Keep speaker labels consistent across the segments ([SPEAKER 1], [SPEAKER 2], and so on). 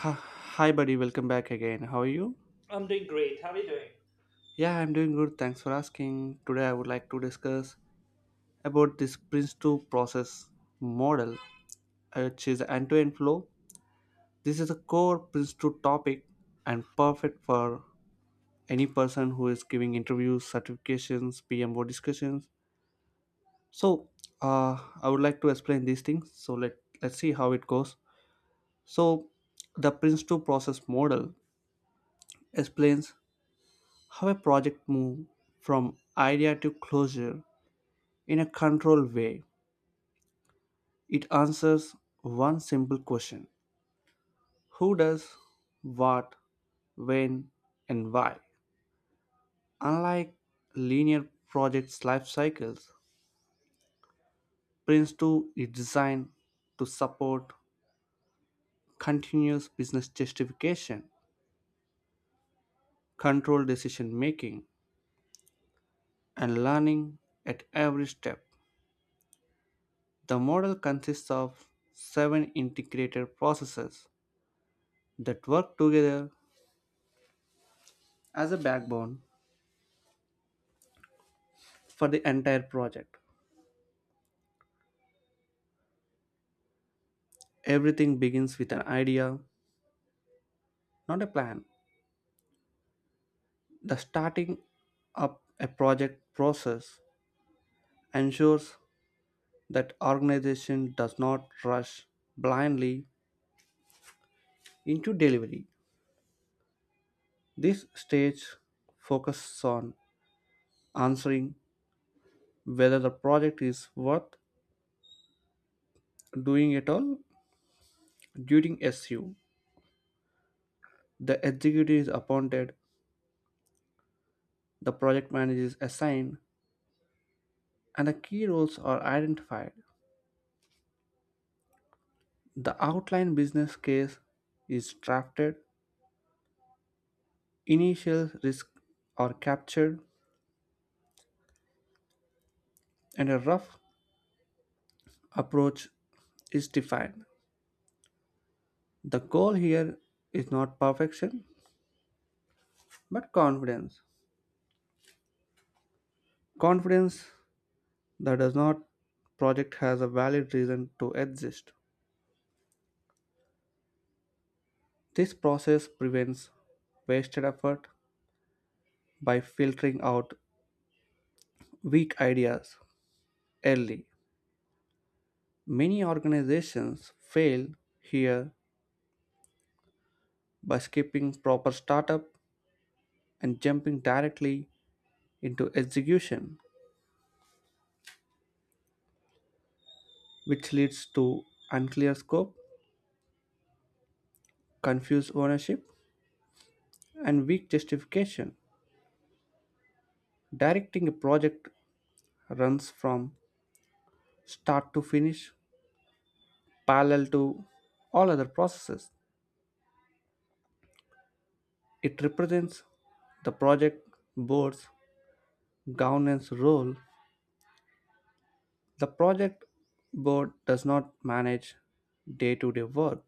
[SPEAKER 1] Hi, hi, buddy. Welcome back again. How are you?
[SPEAKER 2] I'm doing great. How are you doing?
[SPEAKER 1] Yeah, I'm doing good. Thanks for asking. Today, I would like to discuss about this Prince2 process model, which is end-to-end flow. This is a core Prince2 topic and perfect for any person who is giving interviews, certifications, PMO discussions. So, I would like to explain these things. So let's see how it goes. So, the Prince2 process model explains how a project moves from idea to closure in a controlled way. It answers one simple question: who does what, when, and why. Unlike linear projects' life cycles, Prince 2 is designed to support continuous business justification, controlled decision making, and learning at every step. The model consists of seven integrated processes that work together as a backbone for the entire project. Everything begins with an idea, not a plan. The starting up a project process ensures that organization does not rush blindly into delivery. This stage focuses on answering whether the project is worth doing at all during SU. The executive is appointed, the project manager is assigned, and the key roles are identified. The outline business case is drafted, initial risks are captured, and a rough approach is defined. The goal here is not perfection but confidence. Confidence that does not project has a valid reason to exist. This process prevents wasted effort by filtering out weak ideas early. Many organizations fail here by skipping proper startup and jumping directly into execution, which leads to unclear scope, confused ownership, and weak justification. Directing a project runs from start to finish, parallel to all other processes. It represents the project board's governance role. The project board does not manage day to day work.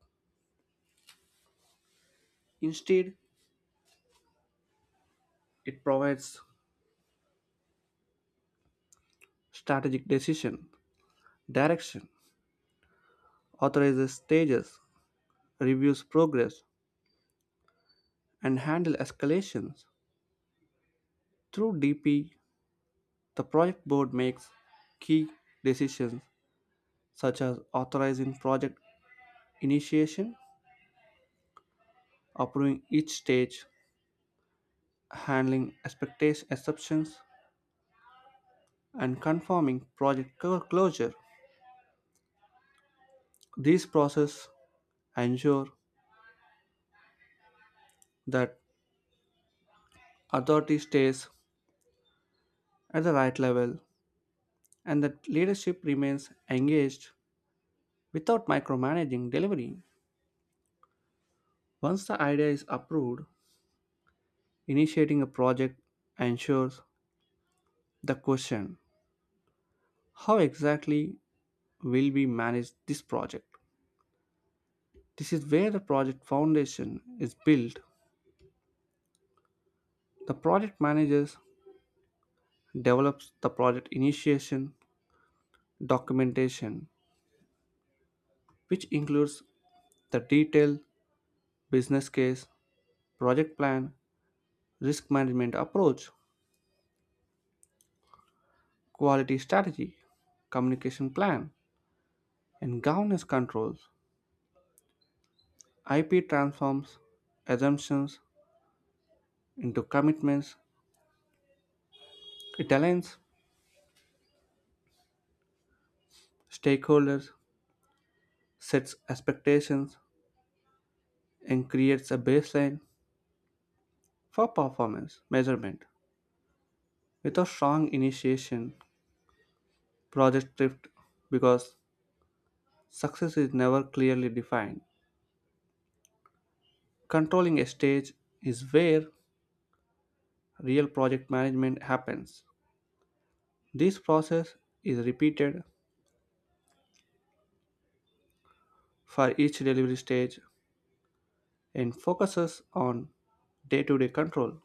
[SPEAKER 1] Instead, it provides strategic decision, direction, authorizes stages, reviews progress, and handle escalations. Through DP, the project board makes key decisions such as authorizing project initiation, approving each stage, handling expectation exceptions, and confirming project closure. These processes ensure that authority stays at the right level and that leadership remains engaged without micromanaging delivery. Once the idea is approved, initiating a project ensures the question: how exactly will we manage this project? This is where the project foundation is built. The project manager develops the project initiation documentation, which includes the detailed business case, project plan, risk management approach, quality strategy, communication plan, and governance controls. IP transforms assumptions into commitments. It aligns stakeholders, sets expectations, and creates a baseline for performance measurement. Without strong initiation, projects drift because success is never clearly defined. Controlling a stage is where real project management happens. This process is repeated for each delivery stage and focuses on day to day control.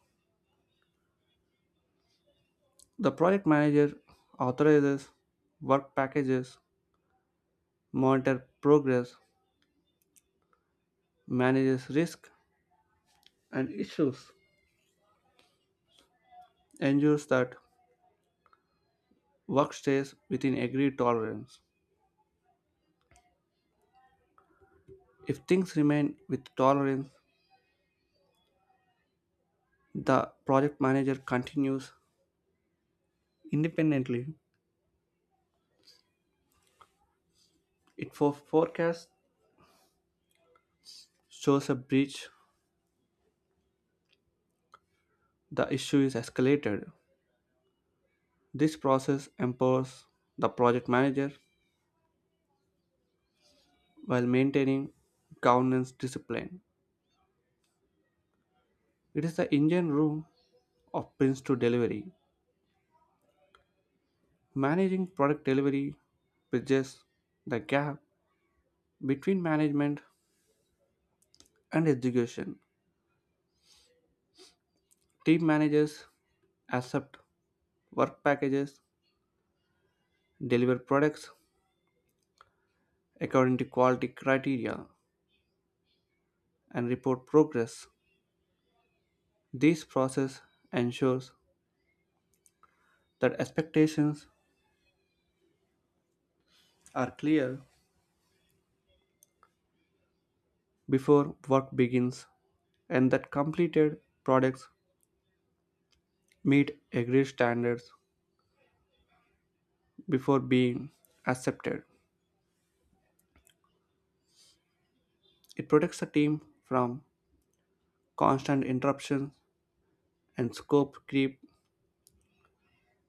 [SPEAKER 1] The project manager authorizes work packages, monitors progress, manages risk and issues, ensures that work stays within agreed tolerance. If things remain with tolerance, the project manager continues independently. It forecasts shows a breach, the issue is escalated. This process empowers the project manager while maintaining governance discipline. It is the engine room of Prince to delivery. Managing product delivery bridges the gap between management and execution. Team managers accept work packages, deliver products according to quality criteria, and report progress. This process ensures that expectations are clear before work begins and that completed products meet agreed standards before being accepted. It protects the team from constant interruptions and scope creep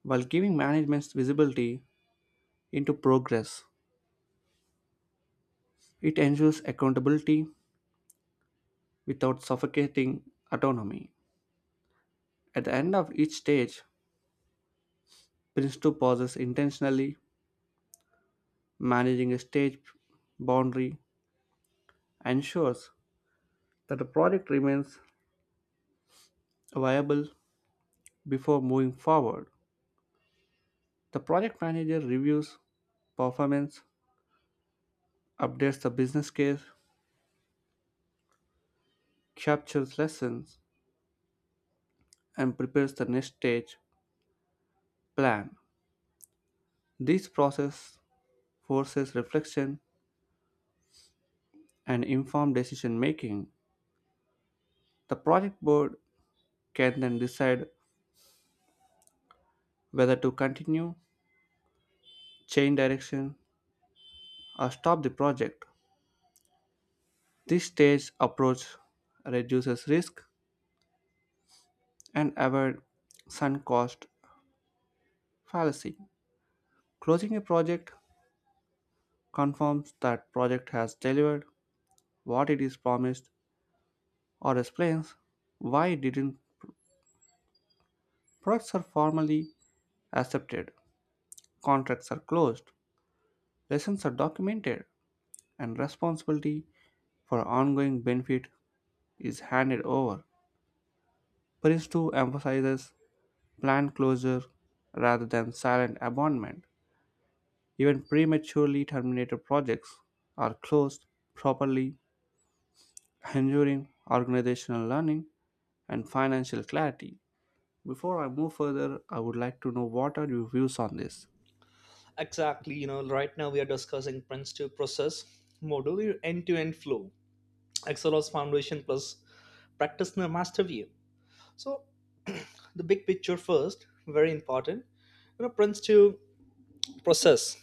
[SPEAKER 1] while giving management visibility into progress. It ensures accountability without suffocating autonomy. At the end of each stage, Prince 2 pauses intentionally. Managing a stage boundary ensures that the project remains viable. Before moving forward, the project manager reviews performance, updates the business case, captures lessons, and prepares the next stage plan. This process forces reflection and informed decision making. The project board can then decide whether to continue, change direction, or stop the project. This staged approach reduces risk and avoid sunk cost fallacy. Closing a project confirms that project has delivered what it is promised or explains why it didn't. Products are formally accepted, contracts are closed, lessons are documented, and responsibility for ongoing benefit is handed over. Prince 2 emphasizes planned closure rather than silent abandonment. Even prematurely terminated projects are closed properly, ensuring organizational learning and financial clarity. Before I move further, I would like to know what are your views on this?
[SPEAKER 2] Exactly, right now we are discussing Prince 2 process, modular end to end flow, XLOS foundation plus practitioner master view. So, the big picture first, very important. Prince 2 process,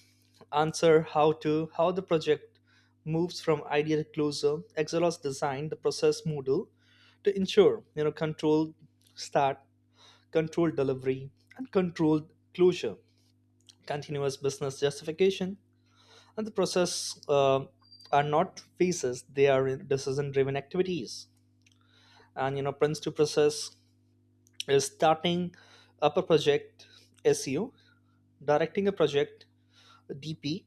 [SPEAKER 2] answer how to, how the project moves from idea to closure. XLOS design the process module to ensure, controlled start, controlled delivery, and controlled closure, continuous business justification, and the process are not phases; they are decision-driven activities. Prince to process is starting up a project SEO, directing a project DP,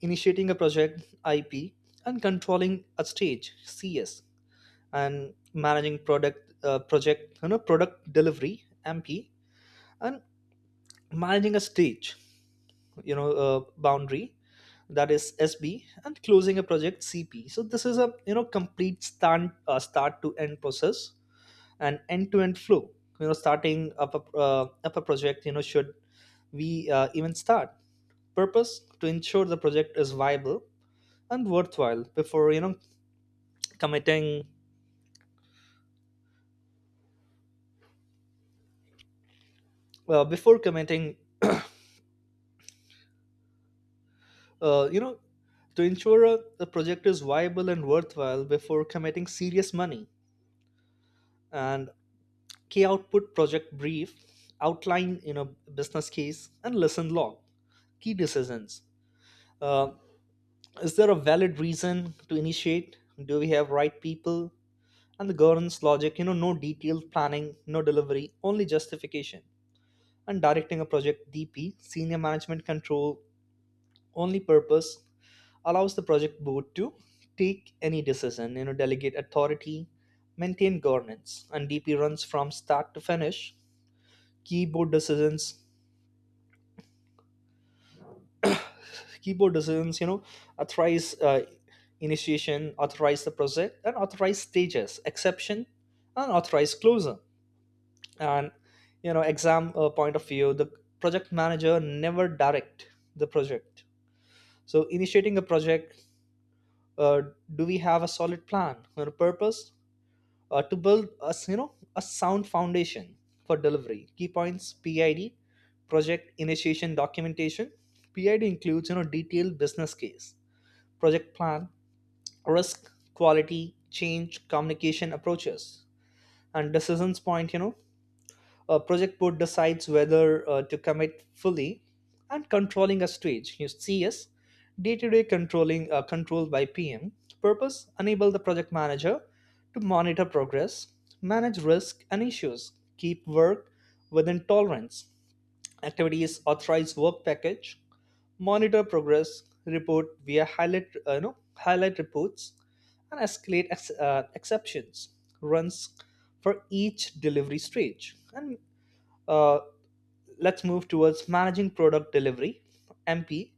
[SPEAKER 2] initiating a project IP, and controlling a stage CS, and managing product project you know product delivery MP, and managing a stage boundary, that is SB, and closing a project CP. So this is a complete start to end process and end to end flow. Starting up up a project, should we even start. Purpose: to ensure the project is viable and worthwhile before you know committing before committing you know to ensure the project is viable and worthwhile before committing serious money. And key output project brief, outline business case, and lesson log. Key decisions. Uh, is there a valid reason to initiate? Do we have right people? And the governance logic, no detailed planning, no delivery, only justification. And directing a project DP, senior management control, only purpose allows the project board to take any decision, delegate authority, maintain governance, and DP runs from start to finish. Key board decisions, keyboard decisions you know authorize initiation, authorize the project, and authorize stages exception, and authorize closure. And you know exam point of view, the project manager never direct the project. So initiating a project, uh, do we have a solid plan or a purpose to build a sound foundation for delivery. Key points, PID, project initiation documentation. PID includes detailed business case, project plan, risk, quality, change, communication approaches, and decisions point, a project board decides whether to commit fully. And controlling a stage. You see, yes, day-to-day controlling controlled by PM. Purpose: enable the project manager to monitor progress, manage risk and issues, keep work within tolerance. Activities: authorized work package, monitor progress report via highlight no, highlight reports, and escalate exceptions, runs for each delivery stage. And uh, let's move towards managing product delivery, MP.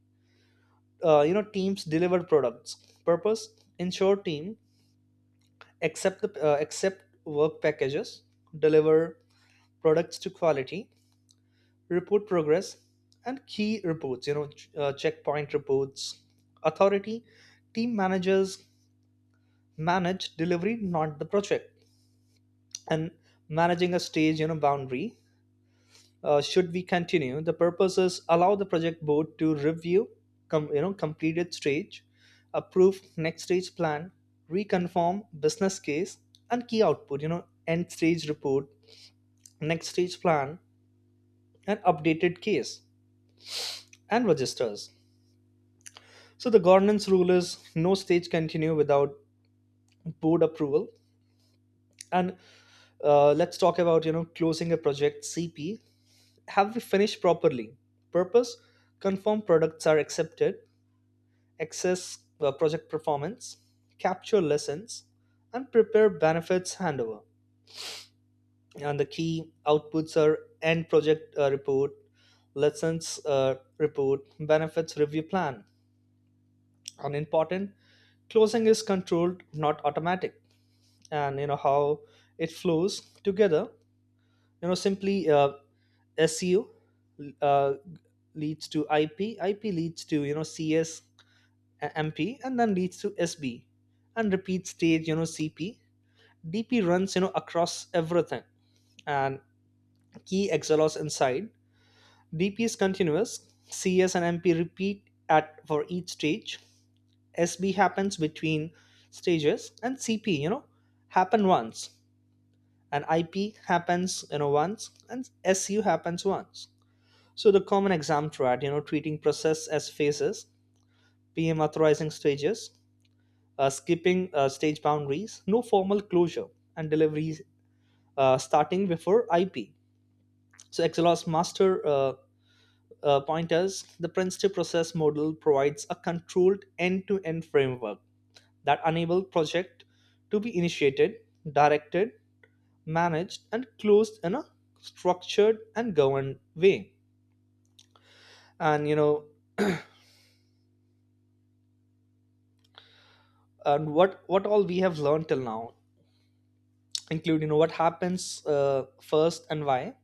[SPEAKER 2] Teams deliver products. Purpose: ensure team accept work packages, deliver products to quality, report progress, and key reports, checkpoint reports. Authority: team managers manage delivery, not the project. And managing a stage boundary, should we continue? The purpose is allow the project board to review completed stage, approve next stage plan, reconfirm business case, and key output, end stage report, next stage plan, and updated case and registers. So the governance rule is no stage continue without board approval. And let's talk about closing a project, CP. Have we finished properly? Purpose: confirm products are accepted, access project performance, capture lessons, and prepare benefits handover. And the key outputs are end project report, lessons report, benefits review plan. And important, closing is controlled, not automatic. And how it flows together, you know simply SEO uh, leads to IP, IP leads to CS, MP, and then leads to SB, and repeat stage, CP. DP runs across everything. And key exhaust inside DP is continuous. CS and MP repeat at for each stage, SB happens between stages, and CP happen once, and IP happens once, and SU happens once. So the common exam thread, treating process as phases, PM authorizing stages, skipping stage boundaries, no formal closure, and deliveries starting before IP. So XLOS master pointers, the Prince2 process model provides a controlled end-to-end framework that enables project to be initiated, directed, managed, and closed in a structured and governed way. And what all we have learned till now include what happens first and why,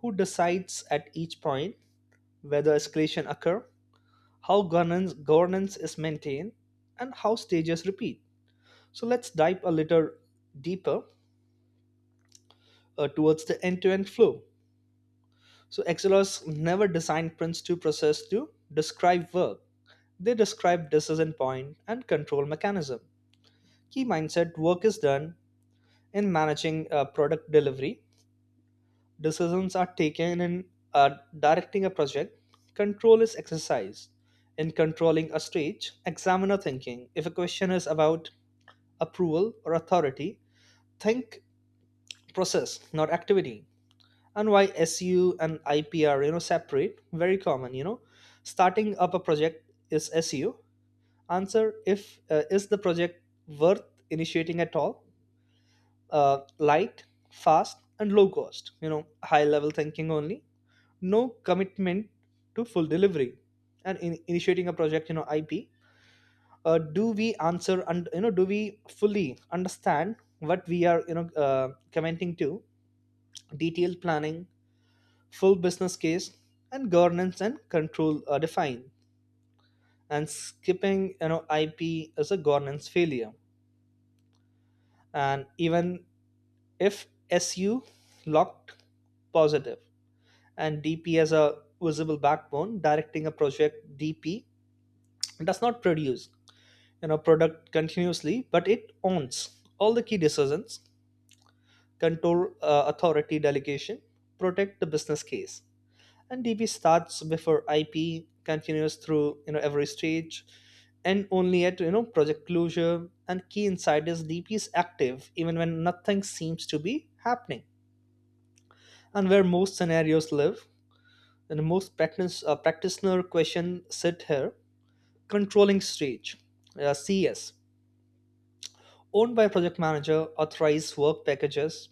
[SPEAKER 2] who decides at each point, whether escalation occur, how governance is maintained, and how stages repeat. So let's dive a little deeper towards the end-to-end flow. So XLRS never designed prints to process to describe work. They describe decision point and control mechanism. Key mindset: work is done in managing product delivery. Decisions are taken in uh, directing a project. Control is exercised in controlling a stage. Examiner thinking: if a question is about approval or authority, think process, not activity. And why SU and IPR separate? Very common, you know. Starting up a project is SU. Answer if is the project worth initiating at all? Light, fast, and low cost. High level thinking only. No commitment to full delivery. And in initiating a project, IP. Do we answer, and do we fully understand what we are commenting to? Detailed planning, full business case, and governance and control are defined. And skipping IP is a governance failure. And even if SU locked positive, and DP as a visible backbone, directing a project DP does not produce product continuously, but it owns all the key decisions, control authority delegation, protect the business case, and DP starts before IP, continues through every stage, and only at project closure. And key insight is, DP is active even when nothing seems to be happening. And where most scenarios live, and most practitioner question sit here. Controlling stage, CS, owned by project manager, authorize work packages,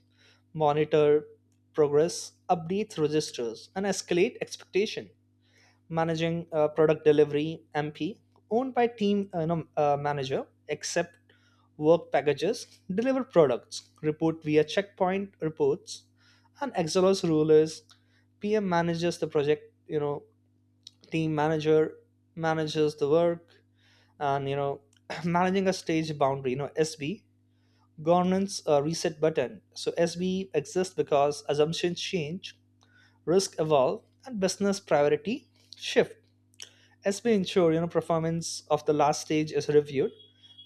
[SPEAKER 2] monitor progress, update registers, and escalate expectation. Managing product delivery, MP, owned by team no, manager, accept work packages, deliver products, report via checkpoint reports. And Excelos rule is, PM manages the project, team manager manages the work. And managing a stage boundary, SB, governance reset button. So SB exists because assumptions change, risk evolve, and business priority shift. SB ensure performance of the last stage is reviewed,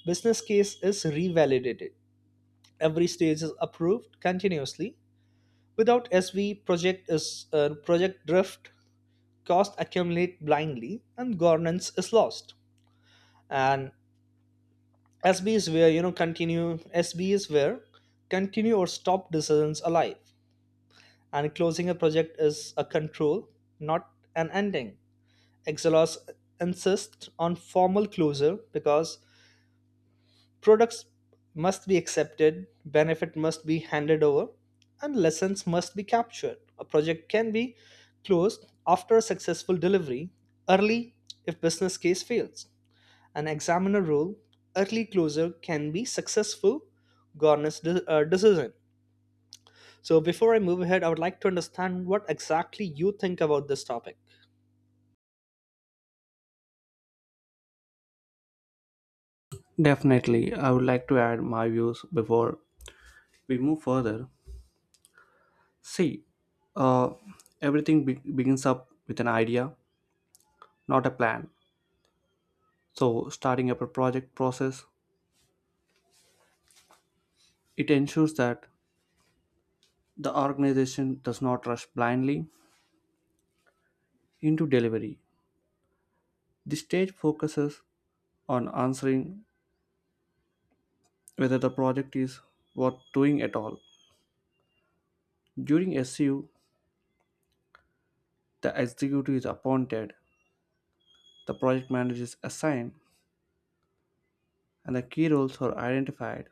[SPEAKER 2] business case is revalidated, every stage is approved continuously. Without SV, project drift, costs accumulate blindly, and governance is lost. And SB is where you know continue. SB is where continue or stop decisions alive. And closing a project is a control, not an ending. Exelos insists on formal closure because products must be accepted, benefit must be handed over, and lessons must be captured. A project can be closed after a successful delivery, early if business case fails. An examiner rule: early closure can be successful governance decision. So before I move ahead, I would like to understand what exactly you think about this topic.
[SPEAKER 1] Definitely, I would like to add my views before we move further. See, uh, everything begins up with an idea, not a plan. So, starting up a project process, it ensures that the organization does not rush blindly into delivery. The stage focuses on answering whether the project is worth doing at all. During SU, the executive is appointed. The project manager is assigned, and the key roles are identified.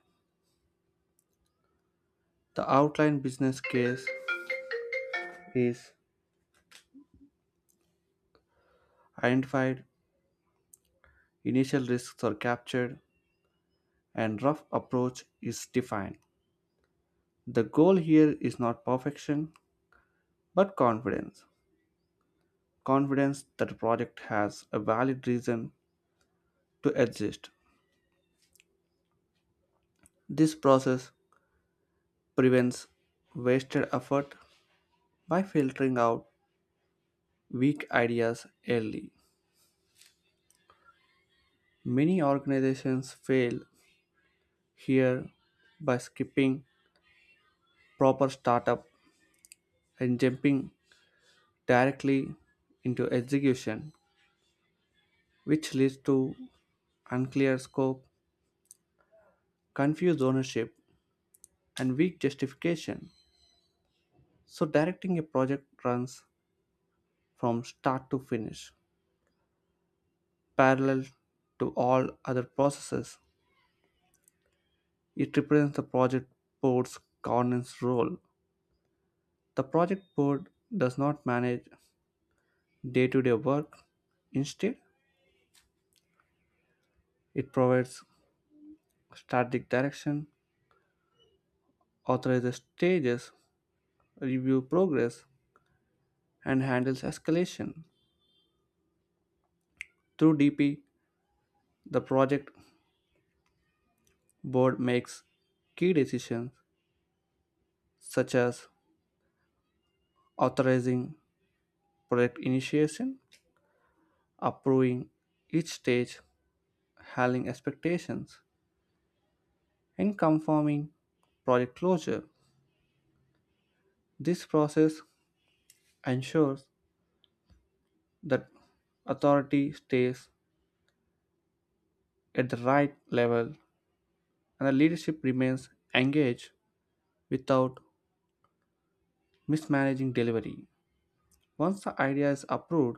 [SPEAKER 1] The outline business case is identified, initial risks are captured, and rough approach is defined. The goal here is not perfection, but confidence. Confidence that the project has a valid reason to exist. This process prevents wasted effort by filtering out weak ideas early. Many organizations fail here by skipping proper startup and jumping directly into execution, which leads to unclear scope, confused ownership, and weak justification. So, directing a project runs from start to finish, parallel to all other processes. It represents the project board's governance role. The project board does not manage day to day work. Instead, it provides static direction, authorizes stages, review progress, and handles escalation. Through DP, the project board makes key decisions such as authorizing project initiation, approving each stage, handling expectations, and confirming project closure. This process ensures that authority stays at the right level and the leadership remains engaged without mismanaging delivery. Once the idea is approved,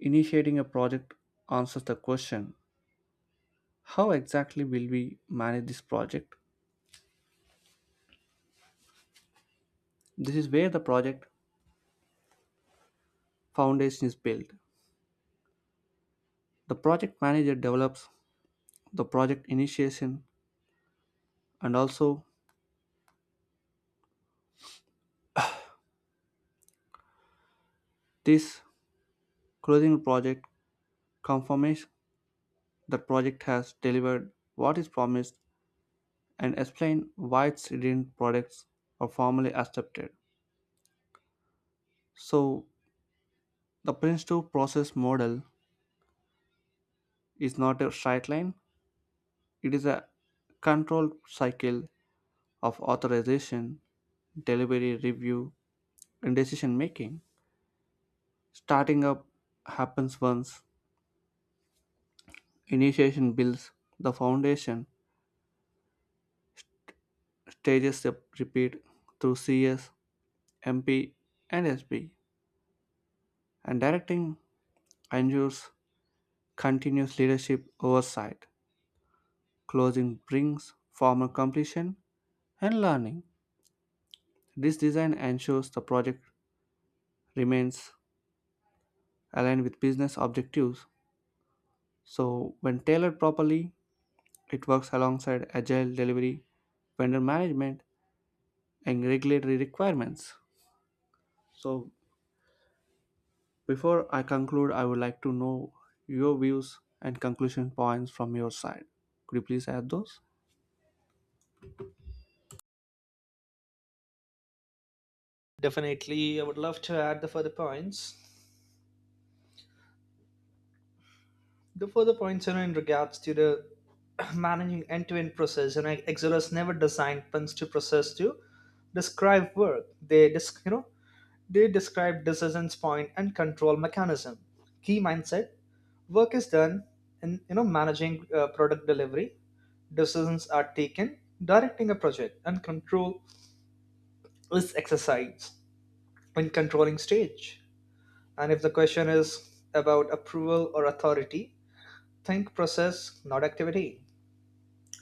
[SPEAKER 1] initiating a project answers the question: how exactly will we manage this project? This is where the project foundation is built. The project manager develops the project initiation, and also this closing project confirms the project has delivered what is promised and explain why its didn't. Products are formally accepted. So the Prince2 process model is not a straight line, it is a controlled cycle of authorization, delivery, review, and decision making. Starting up happens once, initiation builds the foundation, stages are repeat through CS, MP, and SB, and directing ensures continuous leadership oversight. Closing brings formal completion and learning. This design ensures the project remains aligned with business objectives. So, when tailored properly, it works alongside agile delivery, vendor management, and regulatory requirements. So, before I conclude, I would like to know your views and conclusion points from your side. Could you please add those?
[SPEAKER 2] Definitely, I would love to add the further points. In regards to the managing end-to-end process, Excelers never designed puns to process to describe work. They describe decisions point and control mechanism. Key mindset: work is done in managing product delivery. Decisions are taken, directing a project, and control is exercised in controlling stage. And if the question is about approval or authority, think process, not activity.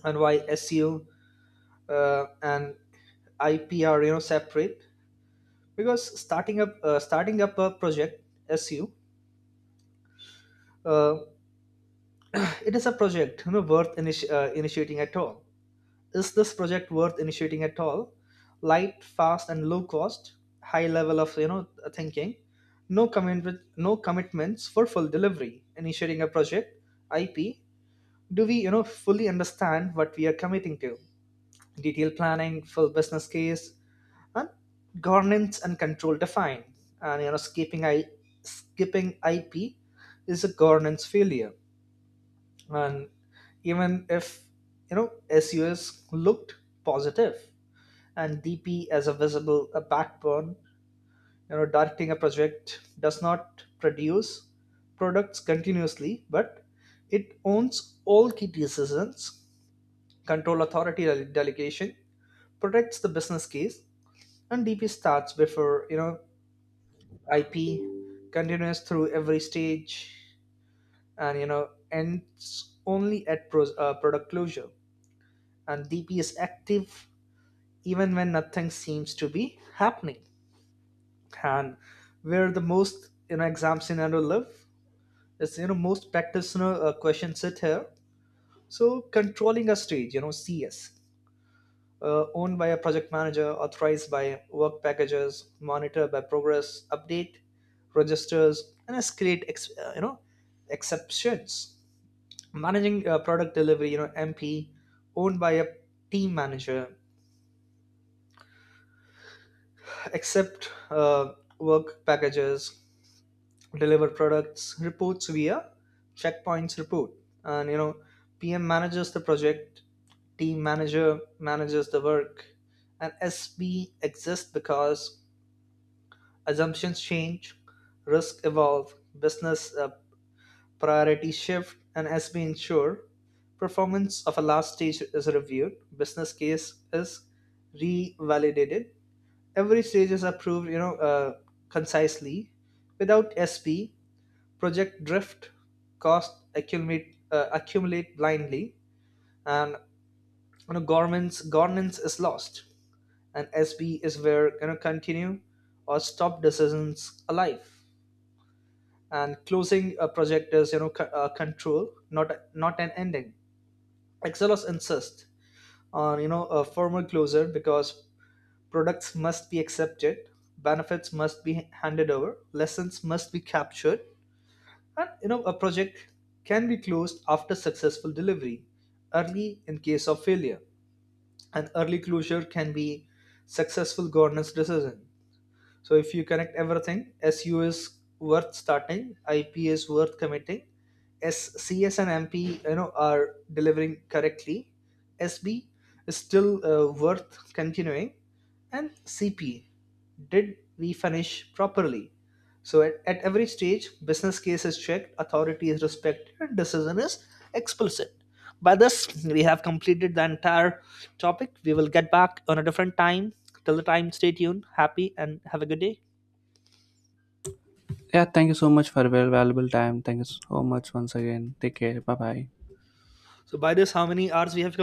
[SPEAKER 2] And why SEO and IP are separate? Because starting up a project, SEO. uh, it is a project initiating at all. Is this project worth initiating at all? Light, fast, and low cost, high level of thinking, no commitments for full delivery. Initiating a project, IP. Do we fully understand what we are committing to? Detailed planning, full business case, and governance and control defined. And skipping IP is a governance failure. And even if you know sus looked positive, and DP as a visible a backbone. Directing a project does not produce products continuously, but it owns all key decisions, control authority delegation, protects the business case. And DP starts before IP, continues through every stage, and ends only at product closure. And DP is active even when nothing seems to be happening. And where the most exam scenario live is most practitioner questions sit here. So controlling a stage, CS, owned by a project manager, authorized by work packages, monitored by progress, update registers, and escalate exceptions. Managing product delivery, MP, owned by a team manager, accept work packages, deliver products, reports via checkpoints report. And PM manages the project, team manager manages the work, and SB exists because assumptions change, risk evolve, business priorities shift, and as we ensure performance of a last stage is reviewed, business case is revalidated. Every stage is approved, concisely. Without SP, project drift, cost accumulate accumulate blindly, and you know, government's governance is lost. And SB is where continue or stop decisions alive. And closing a project is control, not an ending. Excelos insists on a formal closure because products must be accepted, benefits must be handed over, lessons must be captured. And a project can be closed after successful delivery, early in case of failure. An early closure can be successful governance decision. So if you connect everything, SU is worth starting, IP is worth committing, SCS and MP are delivering correctly, SB is still worth continuing, and CP, did we finish properly? So at every stage, business case is checked, authority is respected, and decision is explicit. By this, we have completed the entire topic. We will get back on a different time. Till the time, stay tuned, happy, and have a good day.
[SPEAKER 1] Yeah, thank you so much for your valuable time. Thank you so much once again. Take care. Bye bye.
[SPEAKER 2] So by this, how many hours we have